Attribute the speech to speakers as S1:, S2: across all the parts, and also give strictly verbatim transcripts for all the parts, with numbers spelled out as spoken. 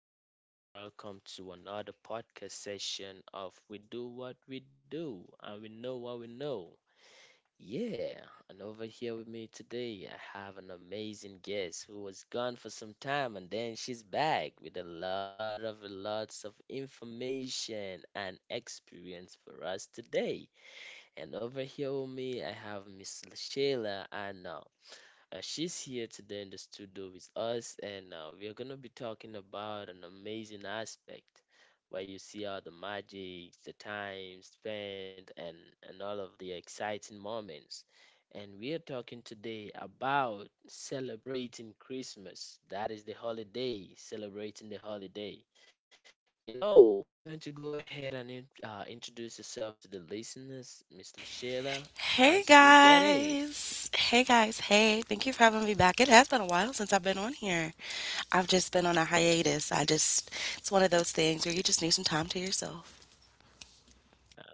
S1: gentlemen. Welcome to another podcast session of We Do What We Do and We Know What We Know. Yeah, and over here with me today, I have an amazing guest who was gone for some time and then she's back with a lot of lots of information and experience for us today. And over here with me, I have Miss Shayla. I know. Uh, she's here today in the studio with us, and uh, we are going to be talking about an amazing aspect where you see all the magic, the time spent, and, and all of the exciting moments. And we are talking today about celebrating Christmas. That is the holiday, celebrating the holiday. You know, why don't you go ahead and in- uh, introduce yourself to the listeners, Miss Sheila,
S2: Hey
S1: as we get in?
S2: guys. Hey guys. Hey, thank you for having me back. It has been a while since I've been on here. I've just been on a hiatus. I just, it's one of those things where you just need some time to yourself.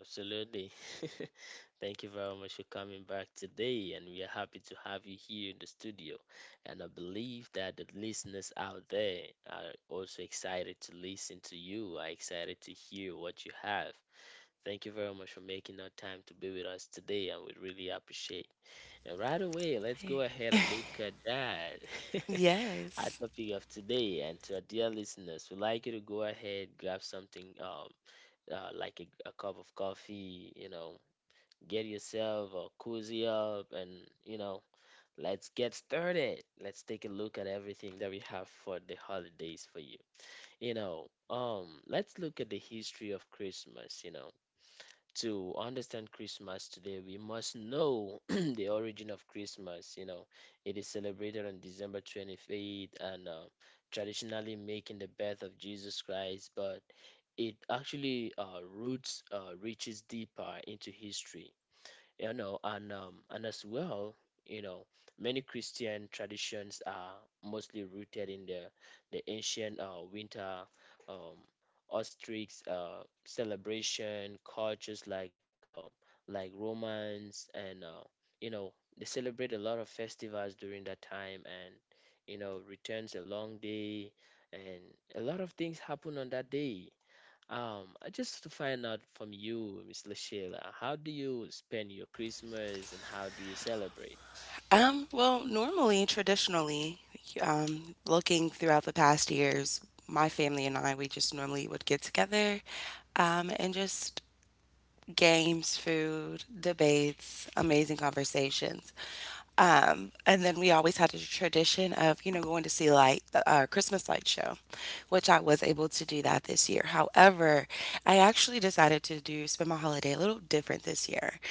S1: Absolutely. Thank you very much for coming back today, and we are happy to have you here in the studio. And I believe that the listeners out there are also excited to listen to you, are excited to hear what you have. Thank you very much for making our time to be with us today, and we really appreciate. And right away, let's go
S2: Hey.
S1: ahead and look at that. Our
S2: Yes.
S1: topic of today, and to our dear listeners, we'd like you to go ahead, grab something um uh, like a, a cup of coffee, you know, get yourself a cozy up and, you know, let's get started. Let's take a look at everything that we have for the holidays for you. You know, um, let's look at the history of Christmas, you know. To understand Christmas today, we must know the origin of Christmas. You know, it is celebrated on December twenty eighth, and uh, traditionally making the birth of Jesus Christ. But it actually uh, roots uh, reaches deeper into history, you know and um, and as well, you know many Christian traditions are mostly rooted in the the ancient uh, winter um, ostrich uh, celebration cultures, like uh, like Romans, and uh, you know they celebrate a lot of festivals during that time, and you know returns a long day, and a lot of things happen on that day. um, I just to find out from you, Miss Sheila, how do you spend your Christmas and how do you celebrate?
S2: Um, well, normally, traditionally, um, looking throughout the past years, my family and I, we just normally would get together, um, and just games, food, debates, amazing conversations. Um, and then we always had a tradition of, you know, going to see light, the uh, Christmas light show, which I was able to do that this year. However, I actually decided to do spend my holiday a little different this year.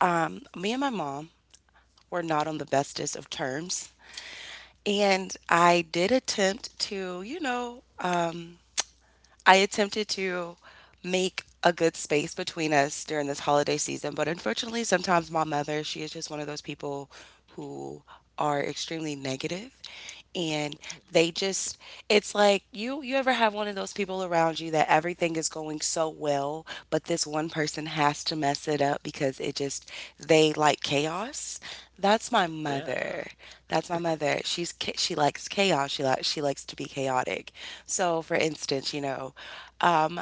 S2: Um, me and my mom were not on the bestest of terms, and I did attempt to, you know, um, I attempted to make a good space between us during this holiday season, but unfortunately, sometimes my mother, she is just one of those people who are extremely negative and
S1: Mm,
S2: they just it's like you you ever have one of those people around you that everything is going so well but this one person has to mess it up because it just they like chaos that's my mother.
S1: yeah.
S2: That's my mother. She's cha- she likes chaos. She likes she likes to be chaotic. So, for instance, you know, um,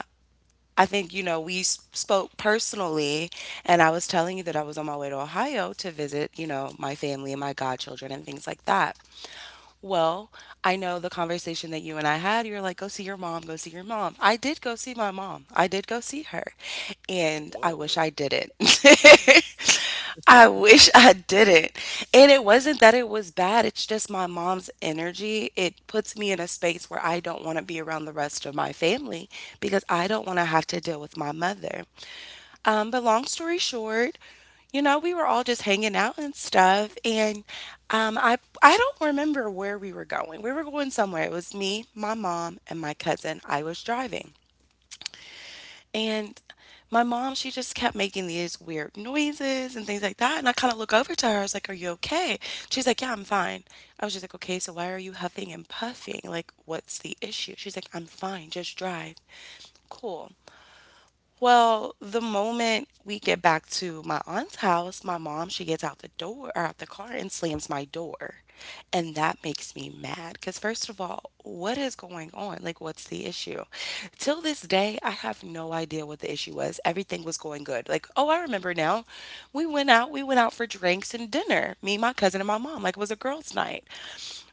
S2: I think you know we s- spoke personally, and I was telling you that I was on my way to Ohio to visit, you know, my family and my godchildren and things like that. Well, I know the conversation that you and I had. You're like, go see your mom, go see your mom. I did go see my mom. I did go see her. And I wish I
S1: Oh,
S2: didn't. I wish I didn't. And it wasn't that it was bad. It's just my mom's energy. It puts me in a space where I don't want to be around the rest of my family because I don't want to have to deal with my mother. Um, but long story short, you know, we were all just hanging out and stuff, and um, I I don't remember where we were going. We were going somewhere. It was me, my mom, and my cousin. I was driving, and my mom she just kept making these weird noises and things like that. And I kind of look over to her. I was like, "Are you okay?" She's like, "Yeah, I'm fine." I was just like, "Okay, so why are you huffing and puffing? Like, what's the issue?" She's like, "I'm fine. Just drive." Cool. Well, the moment we get back to my aunt's house, my mom, she gets out the door or out the car and slams my door. And that makes me mad because, first of all, what is going on? Like, what's the issue? Till this day, I have no idea what the issue was. Everything was going good. Like, oh, I remember now. We went out, we went out for drinks and dinner, me, my cousin, and my mom. Like, it was a girls' night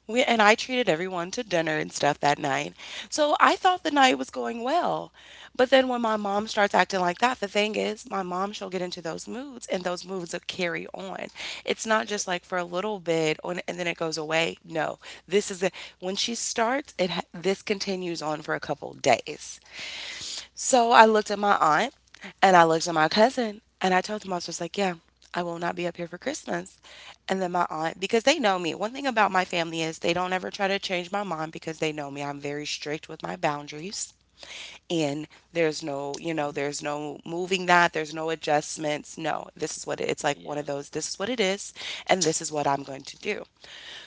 S2: we, and I treated everyone to dinner and stuff that night. So I thought the night was going well. But then when my mom starts acting like that, the thing is, my mom, she'll get into those moods and those moods will carry on. It's not just like for a little bit on, and then it goes away. No, this is a, when she starts, it ha- this continues on for a couple days. So I looked at my aunt and I looked at my cousin and I told them, I was just like, yeah, I will not be up here for Christmas. And then my aunt, because they know me, one thing about my family is they don't ever try to change my mind because they know me. I'm very strict with my boundaries in. There's no, you know,
S1: okay.
S2: there's no moving that, there's no adjustments. No, this is what it, it's like one of
S1: Yeah.
S2: those, this is what it is, and this is what I'm going to do.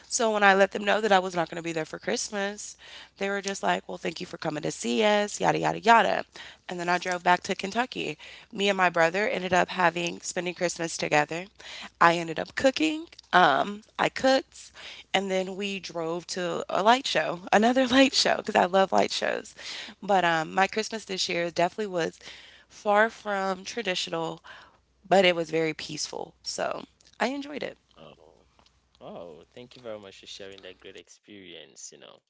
S2: So when I let them know that I was not going to be there for Christmas, they were just like, well, thank you for coming to see us, yada, yada, yada. And then I drove back to Kentucky. Me and my brother ended up having spending Christmas together. I ended up cooking. Um, I cooked, and then we drove to a light show, another light show, because I love light shows. But um, my Christmas this year definitely was far from traditional, but it was very peaceful. So I enjoyed it.
S1: Oh. Oh, thank you very much for sharing that great experience. You know,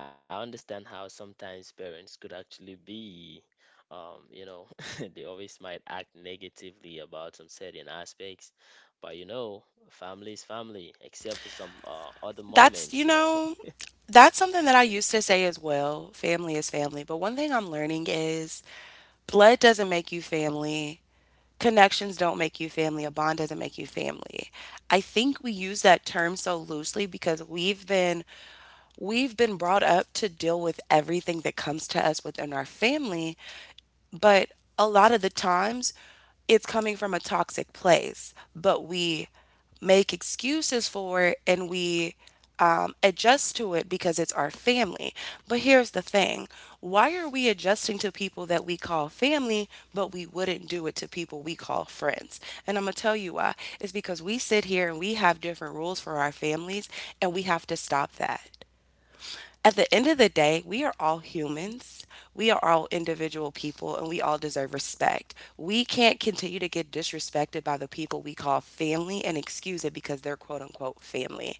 S1: I understand how sometimes parents could actually be, um, you know, they always might act negatively about some certain aspects, but you know, family is family, except for some uh, other
S2: That's, you
S1: moments, you know.
S2: know, that's something that I used to say as well. Family is family. But one thing I'm learning is blood doesn't make you family. Connections don't make you family. A bond doesn't make you family. I think we use that term so loosely because we've been we've been brought up to deal with everything that comes to us within our family but a lot of the times it's coming from a toxic place, but we make excuses for it and we um, adjust to it because it's our family. But here's the thing why are we adjusting to people that we call family, but we wouldn't do it to people we call friends? And I'm going to tell you why. It's because we sit here and we have different rules for our families, and we have to stop that. At the end of the day, we are all humans. We are all individual people and we all deserve respect. We can't continue to get disrespected by the people we call family and excuse it because they're quote unquote family.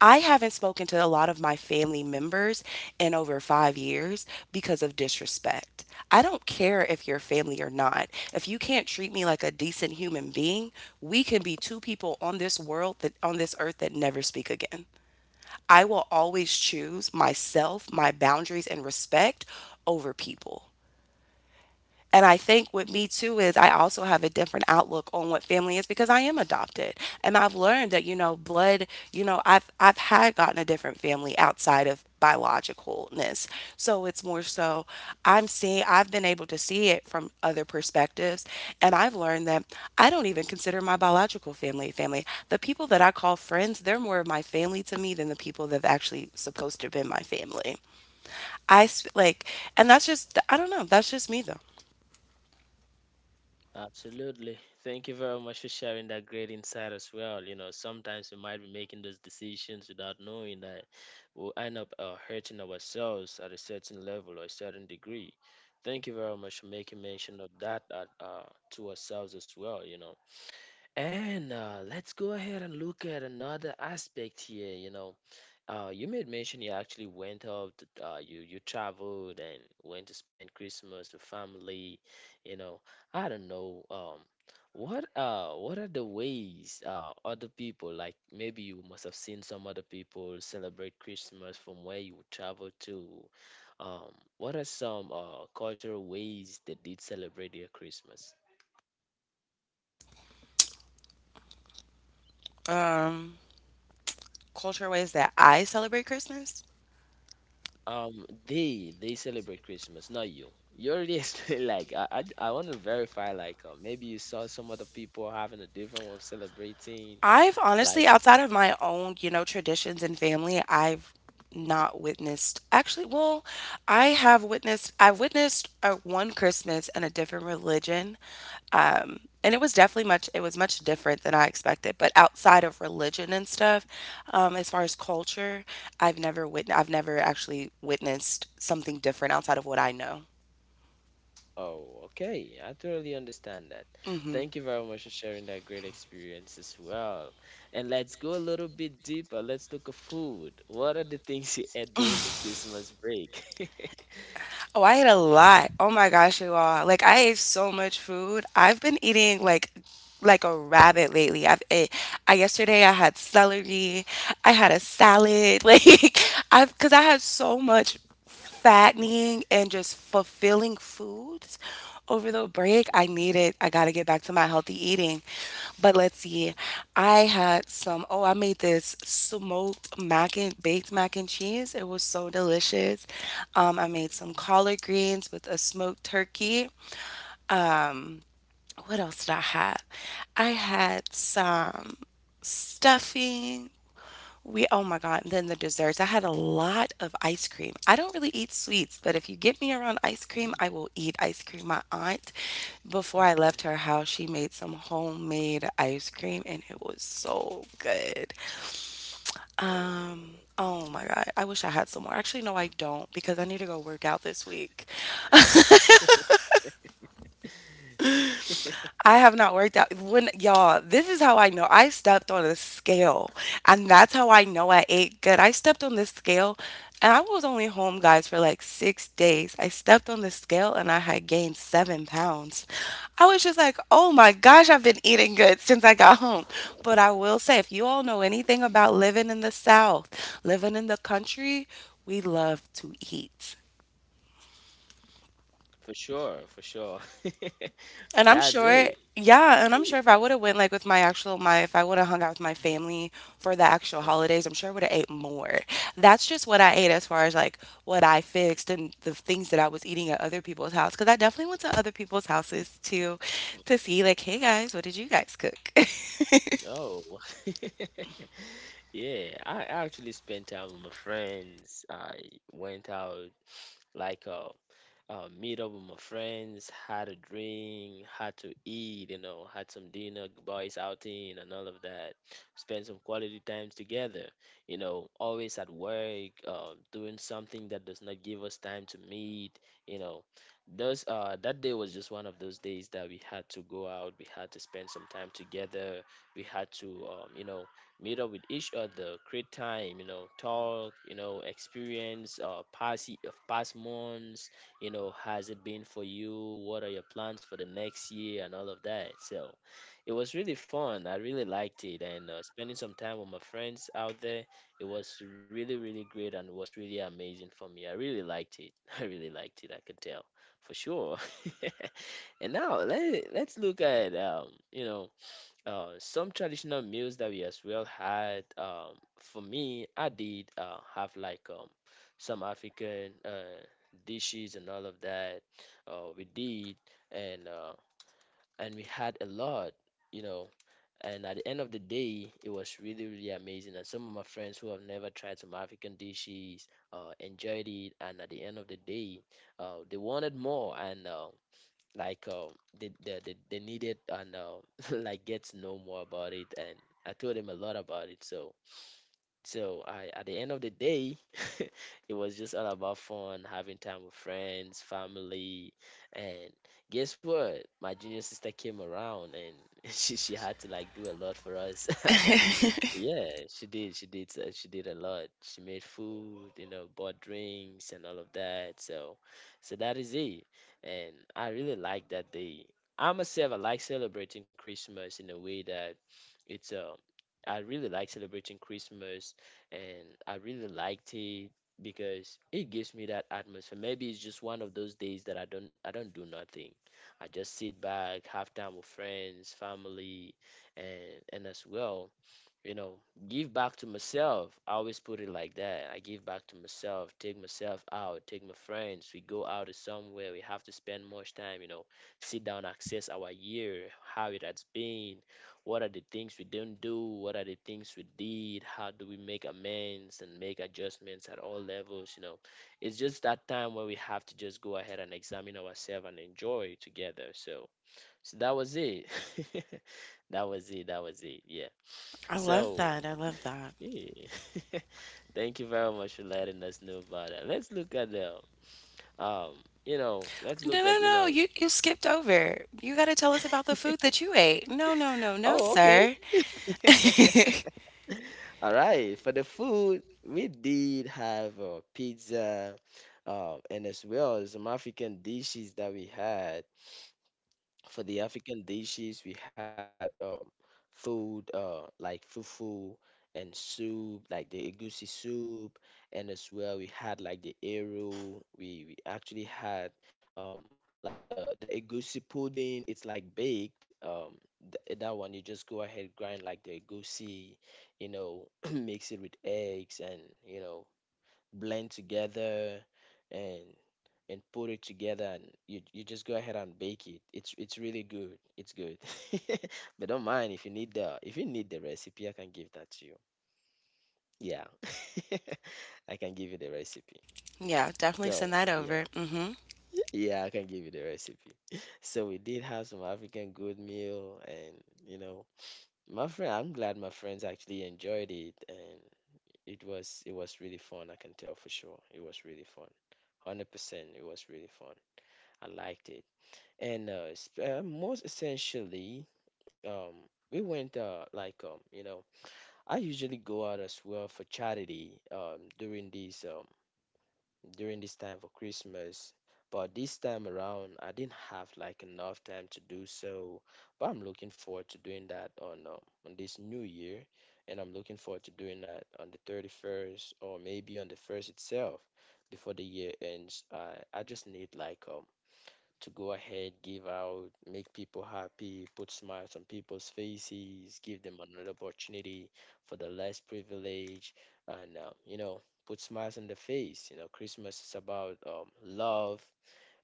S2: I haven't spoken to a lot of my family members in over five years because of disrespect. I don't care if you're family or not. If you can't treat me like a decent human being, we can be two people on this world that on this earth that never speak again. I will always choose myself, my boundaries, and respect over people. And I think with me too is I also have a different outlook on what family is because I am adopted. And I've learned that, you know, blood, you know, I've I've had gotten a different family outside of biologicalness. So it's more so I'm seeing I've been able to see it from other perspectives. And I've learned that I don't even consider my biological family family. The people that I call friends, they're more of my family to me than the people that have actually supposed to have been my family. I sp- like, and that's just, I don't know, that's just me though.
S1: Absolutely. Thank you very much for sharing that great insight as well. You know, sometimes we might be making those decisions without knowing that we'll end up uh, hurting ourselves at a certain level or a certain degree. Thank you very much for making mention of that uh, uh, to ourselves as well, you know. And uh, let's go ahead and look at another aspect here. You know, uh, you made mention you actually went out, to- uh, you you traveled and went to spend Christmas with family. You know, I don't know. Um, what uh, what are the ways uh, other people, like maybe you must have seen some other people celebrate Christmas from where you travel to. Um, what are some uh, cultural ways that did celebrate their Christmas?
S2: Um, culture ways that I celebrate Christmas.
S1: Um, they they celebrate Christmas, not you. You already explained. Like, I I, I want to verify. Like, uh, maybe you saw some other people having a different way of celebrating.
S2: I've
S1: Like,
S2: honestly, outside of my own, you know, traditions and family, I've not witnessed. Actually, well, I have witnessed. I've witnessed uh one Christmas in a different religion, um, and it was definitely much. It was much different than I expected. But outside of religion and stuff, um, as far as culture, I've never witnessed. I've never actually witnessed something different outside of what I know.
S1: oh, okay, I totally understand that.
S2: Mm-hmm.
S1: Thank you very much for sharing that great experience as well. And let's go a little bit deeper. Let's look at food. What are the things you ate during the Christmas break?
S2: Oh, I ate a lot. Oh my gosh, you all. Like I ate so much food. I've been eating like like a rabbit lately. I've ate I yesterday I had celery. I had a salad. Like I've cuz I had so much fattening and just fulfilling foods over the break. I
S1: Mhm,
S2: need it. I got to get back to my healthy eating. But let's see.
S1: mhm,
S2: I had some, oh, I made this smoked mac and baked mac and cheese. It was so delicious. Um, I made some
S1: mhm,
S2: collard greens with a smoked turkey. Um, what else did I have? I had some stuffing. We oh my god, and then the desserts. I had a lot of ice cream. I don't really eat sweets, but if you get me around ice cream,
S1: mhm.
S2: I will eat ice cream. My aunt, before I left her house, she made some homemade ice cream and it was so good. Um
S1: Oh.
S2: Oh my God. I wish I had some more. Actually, no, I don't because I need to go work out this week. I have not worked out. When y'all, this is how I know. I stepped on a scale, and that's how I know I ate good. I stepped on this scale, and I was only home, guys, for like six days. I stepped on the scale, and I had gained seven pounds. I was just like, oh my gosh, I've been eating good since I got home. But I will say, if you all know anything about living in the South, living in the country, we love to eat.
S1: For sure, for sure.
S2: And I'm
S1: That's
S2: sure,
S1: it.
S2: yeah, and I'm
S1: Ye-
S2: sure if I would have went like with my actual my if I would have hung out with my family for the actual
S1: uh,
S2: holidays, I'm sure I would have ate more. That's just what I ate as far as like what I fixed and the things that I was eating at other people's house because I definitely went to other people's houses to to see like, hey guys, what did you guys cook?
S1: Oh, yeah. I actually spent time with my friends. I went out like uh, uh, meet up with my friends, had a drink, had to eat, you know, had some dinner, boys outing, and all of that. Spend some quality times together, you know, always at work, uh, doing something that does not give us time to meet, you know. Those, uh, that day was just one of those days that we had to go out, we had to spend some time together, we had to, um, you know, meet up with each other, create time, you know, talk, you know, experience uh, past, ye- past months, you know, has it been for you, what are your plans for the next year and all of that. So it was really fun, I really liked it, and uh, spending some time with my friends out there, it was really really great, and it was really amazing for me. I really liked it. I really liked it, I could tell for sure. And now let, let's look at um you know, uh, some traditional meals that we as well had. Um, for me, I did uh, have like um, some African uh, dishes and all of that. Uh, we did, and uh, and we had a lot, you know. And at the end of the day, it was really really amazing. And some of my friends who have never tried some African dishes uh, enjoyed it. And at the end of the day, uh, they wanted more. And uh, like uh, they, they they they need it, and uh, like get to know more about it, and I told him a lot about it. So so I, at the end of the day, it was just all about fun, having time with friends, family, and guess what? My junior sister came around, and she she had to like do a lot for us at that.
S2: I
S1: Yeah, she did. She did. uh, She did a lot. She made food, you know, bought drinks and all of that. So, so that is it. And I really like that day. I myself, I like celebrating Christmas in a way that it's uh I really like celebrating Christmas, and I really liked it because it gives me that atmosphere. Maybe it's just one of those days that I don't I don't do nothing. I just sit back, have time with friends, family, and and as well, you know, give back to myself. I always put it like that. I give back to myself, take myself out, take my friends. We go out to somewhere. We have to spend much time, you know, sit down, access our year, how it has been, what are the things we didn't do, what are the things we did, how do we make amends and make adjustments at all levels, you know. It's just that time where we have to just go ahead and examine ourselves and enjoy together. So, so that was it. That was it. That was it. Yeah.
S2: love
S1: So,
S2: that. I love that.
S1: yeah. Thank you very much for letting us know about that. Let's look at the um, you know, let's
S2: No,
S1: look
S2: no,
S1: at, you
S2: no.
S1: know,
S2: You you skipped over. You got to tell us about the food that you ate. No, no, no, no,
S1: oh, okay.
S2: sir.
S1: All right, for the food, we did have uh, pizza, uh, and as well as some African dishes that we had. For the African dishes, we had um, food uh, like fufu and soup, like the egusi soup, and as well we had like the eru. We we actually had um, like the the egusi pudding. It's like baked. Um, th- that one you just go ahead grind like the egusi, you know, mix it with eggs and you know blend together and and put it together, and you you just go ahead and bake it. It's it's really good. It's good. But don't mind. If you need the if you need the recipe, I can give that to you. Yeah. I can give you the recipe.
S2: Yeah, definitely
S1: So,
S2: send that
S1: yeah.
S2: over.
S1: Yeah, I can give you the recipe. So we did have some African good meal, and you know, my friend, I'm glad my friends actually enjoyed it. And It was it was really fun, I can tell for sure. It was really fun. one hundred percent, it was really fun. I liked it. And uh, sp- uh most essentially, um we went uh like um, you know, I usually go out as well for charity um during these um during this time for Christmas. But this time around, I didn't have like enough time to do so. But I'm looking forward to doing that on um, on this new year, and I'm looking forward to doing that on the thirty-first or maybe on the first itself before the year ends. I I just need like um to go ahead, give out, make people happy, put smiles on people's faces, give them another opportunity for the less privilege, and uh, you know, put smiles on the face. You know, Christmas is about um, love,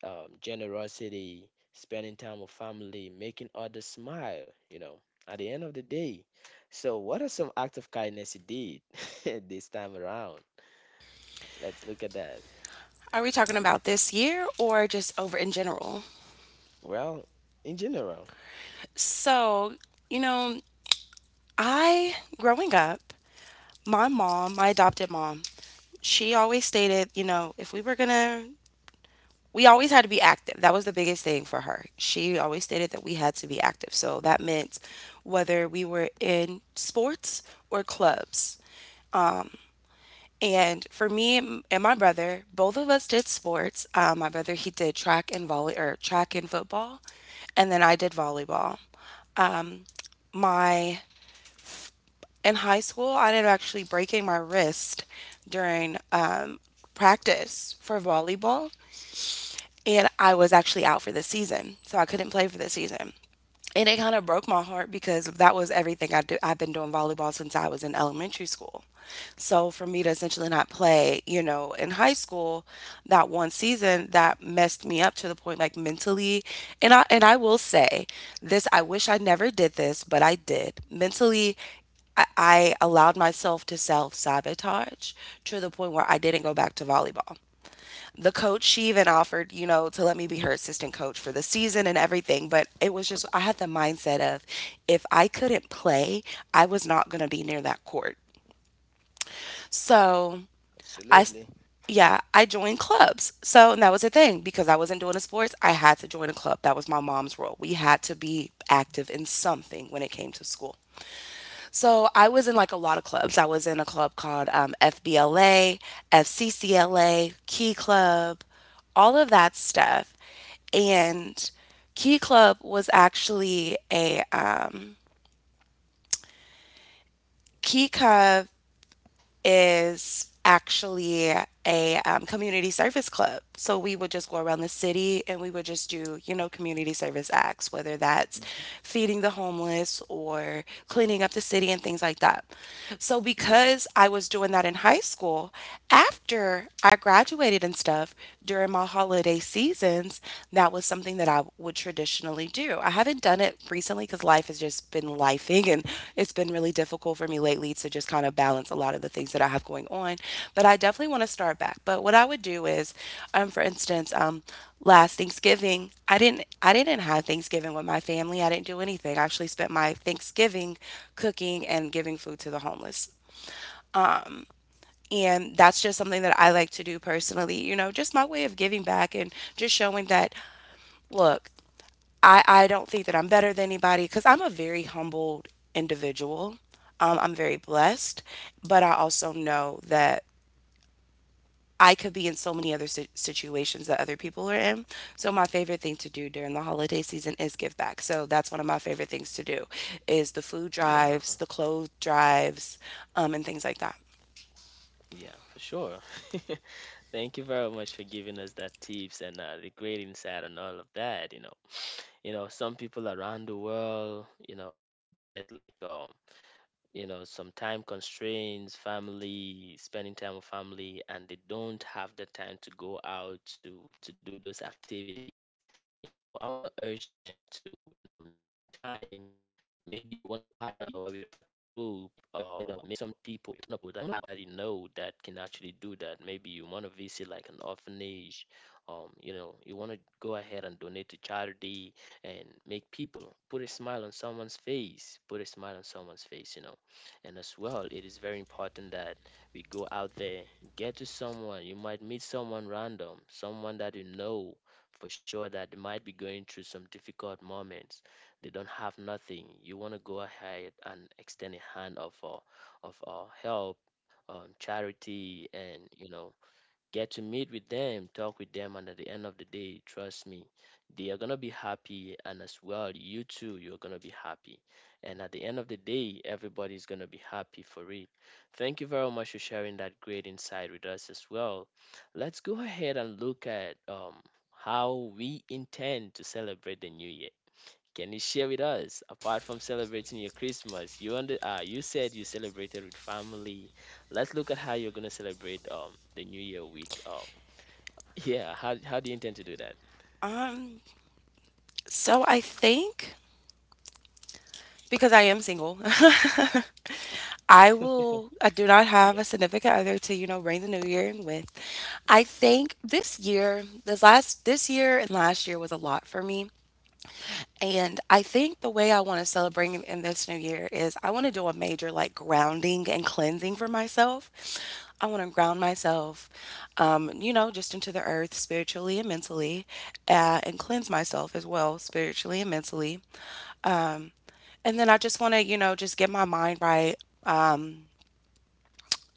S1: um, generosity, spending time with family, making others smile. You know, at the end of the day. So, what are some acts of kindness you did this time around? Let's look at that.
S2: Are we talking about this year or just over in general?
S1: Well, in general.
S2: So, you know, I, growing up, my mom, my adopted mom, she always stated, you know, if we were going to, we always had to be active. That was the biggest thing for her. She always stated that we had to be active. So that meant whether we were in sports or clubs. Um, And for me m- and my brother, both of us did sports. Uh, my brother, he did track and volley or track and football, and then I did volleyball. My In high school, I ended up actually breaking my wrist during um, practice for volleyball, and I was actually out for the season, so I couldn't play for the season. And it kind of broke my heart because that was everything I do. I've been doing volleyball since I was in elementary school. So for me to essentially not play, you know, in high school, that one season that messed me up to the point like mentally, and I and I will say this, I wish I never did this, but I did. Mentally, I, I allowed myself to self-sabotage to the point where I didn't go back to volleyball. The coach, she even offered, you know, to let me be her assistant coach for the season and everything, but it was just I had the mindset of if I couldn't play, I was not going to be near that court. So I, s-
S1: Absolutely.
S2: yeah, I joined clubs. So and that was the thing because I wasn't doing the sports. I had to join a club. That was my mom's role. We had to be
S1: Mhm,
S2: active in something when it came to school. So I was in like a lot of clubs. I was in a club called um, F B L A, F C C L A, Key Club, all of that stuff. And Key Club was actually a um, Key Club is actually a um, community service club. So we would just go around the city and we would just do, you know, community service acts, whether that's
S1: mhm.
S2: feeding the homeless or cleaning up the city and things like that. So
S1: Yeah.
S2: because I was doing that in high school, after I graduated and stuff, during my holiday seasons, that was something that I would traditionally do. I haven't done it recently because life has just been lifing and it's been really difficult for me lately to just kind of balance a lot of the things that I have going on. But I definitely want to start back. But what I would do is, um, for instance, um, last Thanksgiving, I didn't I didn't have Thanksgiving with my family. I didn't do anything. I actually spent my Thanksgiving cooking and giving food to the homeless. And that's just something that I like to do personally, you know, just my way of giving back and just showing that, look, I, I don't think that I'm better than anybody because I'm a very humbled individual. Um, I'm very blessed, but I also know that I could be in so many other si- situations that other people are in. So my favorite thing to do during the holiday season is give back. So that's one of my favorite things to do is the food
S1: Yeah,
S2: drives, the clothes drives, um, and things like that.
S1: yeah, for sure. Thank you very much for giving us that tips and uh, the great insight on all of that. You know, you know, some people around the world, you know, get like um you know, some time constraints, family, spending time with family, and they don't have the time to go out to to do those activities. You know, I want to urge them to, you know, make some time. Maybe you want to partner with a particular group or people that you know that can actually do that. Maybe you want to visit like an orphanage. Um, you know, you want to go ahead and donate to charity and make people put a smile on someone's face, put a smile on someone's face, you know. And as well, it is very important that we go out there, get to someone. You might meet someone random, someone that you know for sure that they might be going through some difficult moments. They don't have nothing. You want to go ahead and extend a hand of uh, of uh, help, um, charity, and you know, get to meet with them, talk with them, and at the end of the day, trust me, they are gonna be happy, and as well, you too, you're gonna be happy. And at the end of the day, everybody's gonna be happy for it. Thank you very much for sharing that great insight with us as well. Let's go ahead and look at um, how we intend to celebrate the new year. Can you share with us, apart from celebrating your Christmas, you under, uh, you said you celebrated with family. Let's look at how you're gonna celebrate um the New Year with um yeah. How how do you intend to do that?
S2: Um, so I think because I am single, I will, I do not have a
S1: Yeah.
S2: significant other to, you know, bring the new year in with. I think this year, this last, this year and last year was a lot for me. And I think the way I want to celebrate in in this new year is I want to do a major like grounding and cleansing for myself. I want to ground myself, um, you know, just into the earth spiritually and mentally, uh, and cleanse myself as well spiritually and mentally. Um, and then I just want to, you know, just get my mind right. Um,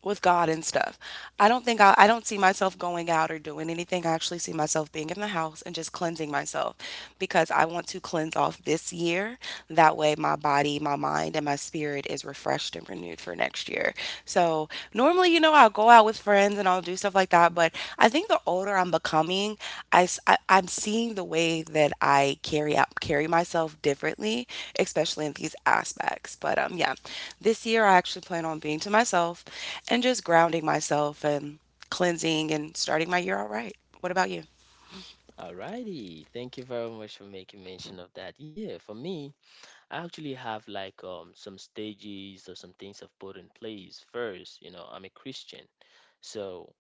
S2: with God and stuff. I don't think I, I don't see myself going out or doing anything. I actually see myself being in the house and just cleansing myself because I want to cleanse off this year. That way, my body, my mind, and my spirit is refreshed and renewed for next year. So, normally, you know, I'll go out with friends and I'll do stuff like that. But I think the older I'm becoming, I, am seeing the way that I carry out, carry myself differently, especially in these aspects. But um, yeah, this year I actually plan on being to myself and just grounding myself and cleansing and starting my year all right. What about you?
S1: Alrighty, thank you very much for making mention of that. Yeah, for me, I actually have like um some stages or some things I've put in place. First, you know, I'm a Christian, so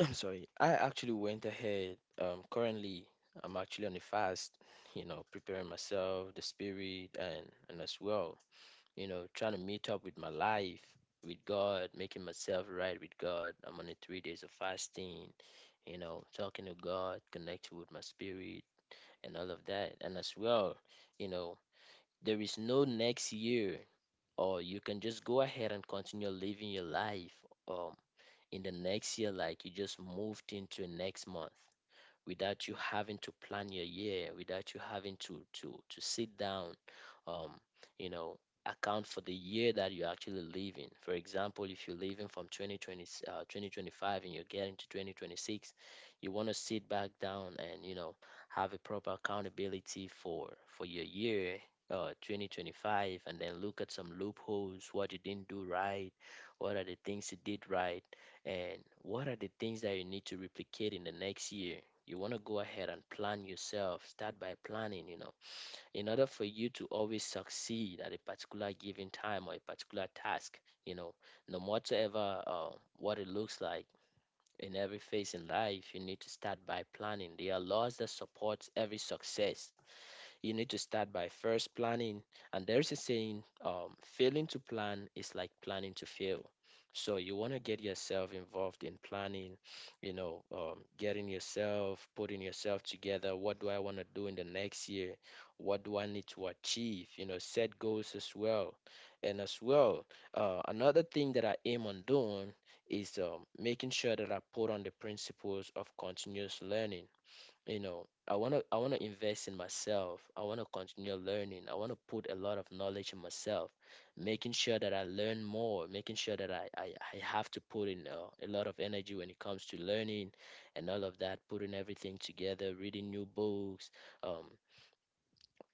S1: I'm sorry. I actually went ahead. Um, currently, I'm actually on a fast, you know, preparing myself, the spirit, and and as well, you know, trying to meet up with my life, with God, making myself right with God. I'm on a three days of fasting, you know, talking to God, connecting with my spirit, and all of that. And as well, you know, there is no next year, or you can just go ahead and continue living your life. Um, in the next year, like you just moved into next month without you having to plan your year, without you having to to to sit down, um, you know, account for the year that you actually live in. For example, if you're living from twenty twenty, uh, twenty twenty-five and you're getting to twenty twenty-six, you want to sit back down and, you know, have a proper accountability for for your year. Uh, twenty twenty-five, and then look at some loopholes, what you didn't do right, what are the things you did right, and what are the things that you need to replicate in the next year. You want to go ahead and plan yourself, start by planning, you know, in order for you to always succeed at a particular given time or a particular task, you know, no matter uh, what it looks like, in every phase in life you need to start by planning. There are laws that support every success. You need to start by first planning. And there's a saying, um, failing to plan is like planning to fail. So you want to get yourself involved in planning, you know, um, getting yourself, putting yourself together. What do I want to do in the next year? What do I need to achieve? You know, set goals as well. And as well, uh, another thing that I aim on doing is um, making sure that I put on the principles of continuous learning. You know, i want to i want to invest in myself, I want to continue learning, I want to put a lot of knowledge in myself, making sure that I learn more, making sure that i i, I have to put in uh, a lot of energy when it comes to learning and all of that, putting everything together, reading new books, um,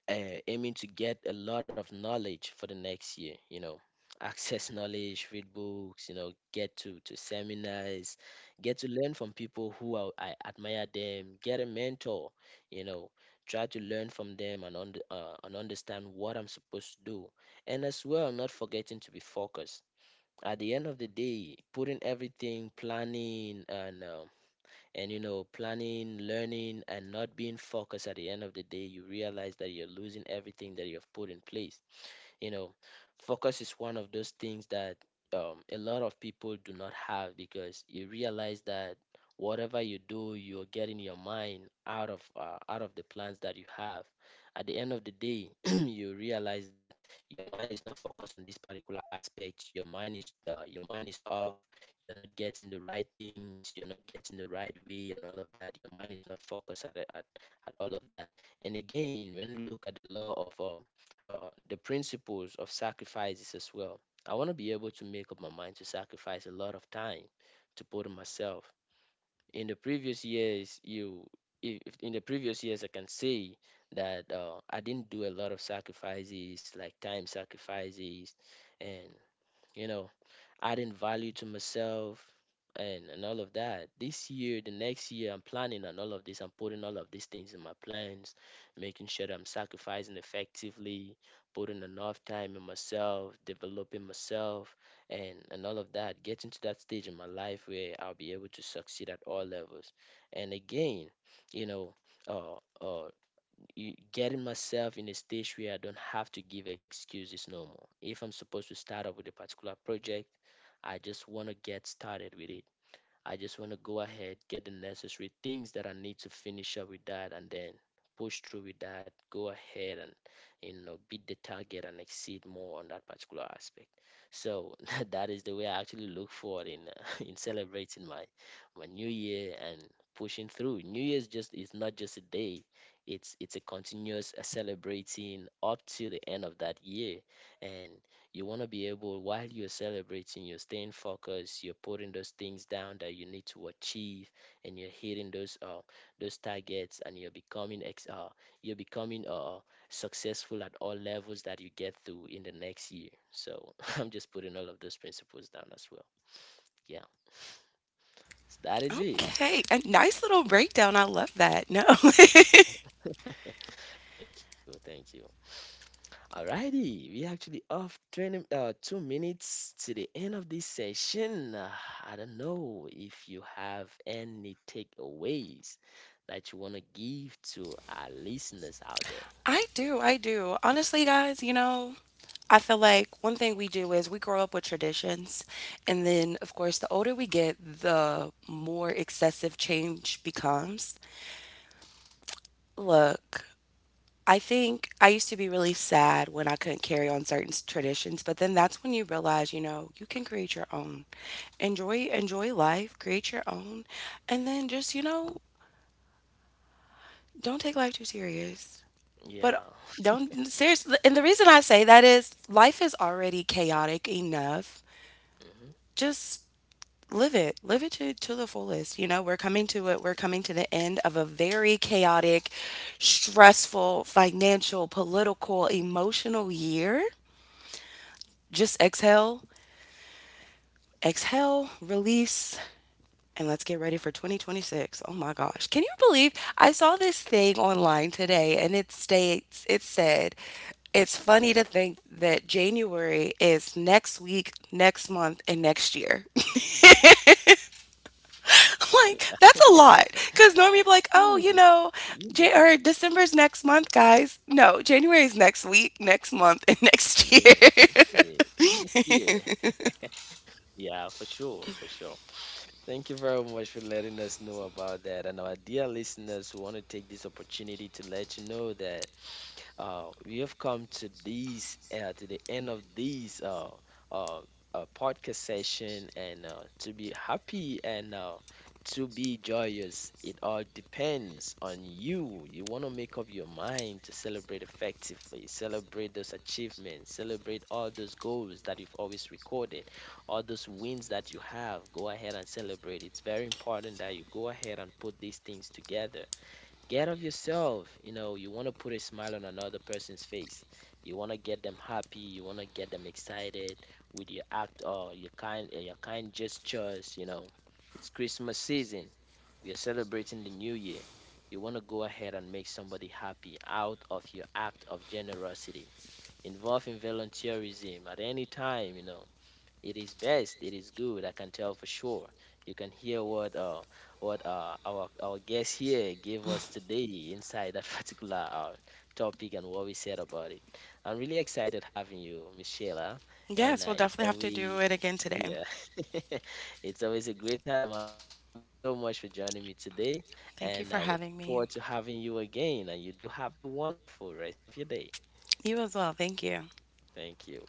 S1: uh, aiming to get a lot of knowledge for the next year, you know. Access knowledge, read books, you know, get to to seminars, get to learn from people who are, I admire them, get a mentor, you know, try to learn from them and, und- uh, and understand what I'm supposed to do. And as well, I'm not forgetting to be focused. At the end of the day, putting everything, planning, and um, and you know, planning, learning, and not being focused, at the end of the day you realize that you're losing everything that you have put in place, you know. Focus is one of those things that um, a lot of people do not have, because you realize that whatever you do, you're getting your mind out of uh, out of the plans that you have. At the end of the day, you realize that your mind is not focused on this particular aspect. Your mind is uh, your mind is off. You're not getting the right things. You're not getting the right way, and all of that. Your mind is not focused at at, at all of that. And again, when you look at the law of um, uh, the principles of sacrifices as well. I want to be able to make up my mind to sacrifice a lot of time to put on myself. In the previous years, you if if in the previous years I can say that uh, I didn't do a lot of sacrifices, like time sacrifices, and you know, adding value to myself and and all of that. This year, the next year, I'm planning on all of this. I'm putting all of these things in my plans, making sure that I'm sacrificing effectively, putting enough time in myself, developing myself, and and all of that. Getting to that stage in my life where I'll be able to succeed at all levels. And again, you know, uh, uh, you, getting myself in a stage where I don't have to give excuses no more. If I'm supposed to start up with a particular project, I just want to get started with it. I just want to go ahead, get the necessary things that I need to finish up with that, and then push through with that. Go ahead and, you know, beat the target and exceed more on that particular aspect. So that is the way I actually look forward in uh, in celebrating my my new year and pushing through. New Year's just is not just a day; it's it's a continuous uh, celebrating up to the end of that year, and you want to be able, while you're celebrating, you're staying focused, you're putting those things down that you need to achieve, and you're hitting those uh those targets, and you're becoming ex uh you're becoming uh successful at all levels that you get through in the next year. So I'm just putting all of those principles down as well. Yeah, so that is it.
S2: Okay, a nice little breakdown. I love that. No.
S1: Thank you, thank you. Alrighty, we actually off twenty, uh, two minutes to the end of this session. Uh, I don't know if you have any takeaways that you want to give to our listeners out there.
S2: I do. I do. Honestly, guys, you know, I feel like one thing we do is we grow up with traditions. And then, of course, the older we get, the more excessive change becomes. Look, I think I used to be really sad when I couldn't carry on certain s- traditions, but then that's when you realize, you know, you can create your own. Enjoy enjoy life, create your own, and then just, you know, don't take life too serious. But
S1: Yeah.
S2: don't seriously, and the reason I say that is life is already chaotic enough.
S1: Mhm.
S2: Just live it. Live it to, to the fullest. You know, we're coming to it. We're coming to the end of a very chaotic, stressful, financial, political, emotional year. Just exhale, exhale, release, and let's get ready for twenty twenty-six. Oh my gosh. Can you believe I saw this thing online today and it states it said it's funny to think that January is next week, next month, and next year. Like that's a lot
S1: Mm.
S2: because normally be like, oh, you
S1: Yeah,
S2: know, J- or december's next month, guys. No, january's next week, next month, and next
S1: yeah, it
S2: year.
S1: is. Yes, yeah, yeah, for sure, for sure. Thank you very much for letting us know about that. And our dear listeners, who want to take this opportunity to let you know that Uh, we have come to these uh, to the end of these uh, uh, uh, podcast session, and uh, to be happy and uh, to be joyous, it all depends on you. You want to make up your mind to celebrate effectively, celebrate those achievements, celebrate all those goals that you've always recorded, all those wins that you have. Go ahead and celebrate. It's very important that you go ahead and put these things together. Get of yourself. You know, you want to put a smile on another person's face. You want to get them happy. You want to get them excited with your act or your kind, uh, your kind gestures. You know, it's Christmas season. We are celebrating the new year. You want to go ahead and make somebody happy out of your act of generosity. Involve in volunteerism at any time. You know, it is best. It is good. I can tell for sure. You can hear what uh what uh our our guest here gave us today inside that particular uh, topic and what we said about it. I'm really excited having you, Michela, and
S2: Yes, we'll
S1: uh, it's
S2: definitely have to do
S1: always
S2: it again today.
S1: yeah, it's always a great time having you. Thank you so much for joining me today,
S2: Thank you
S1: and
S2: for
S1: I will
S2: having
S1: look
S2: me.
S1: forward to having you again. And you do have a wonderful rest of your day.
S2: You as well. Thank you.
S1: Thank you.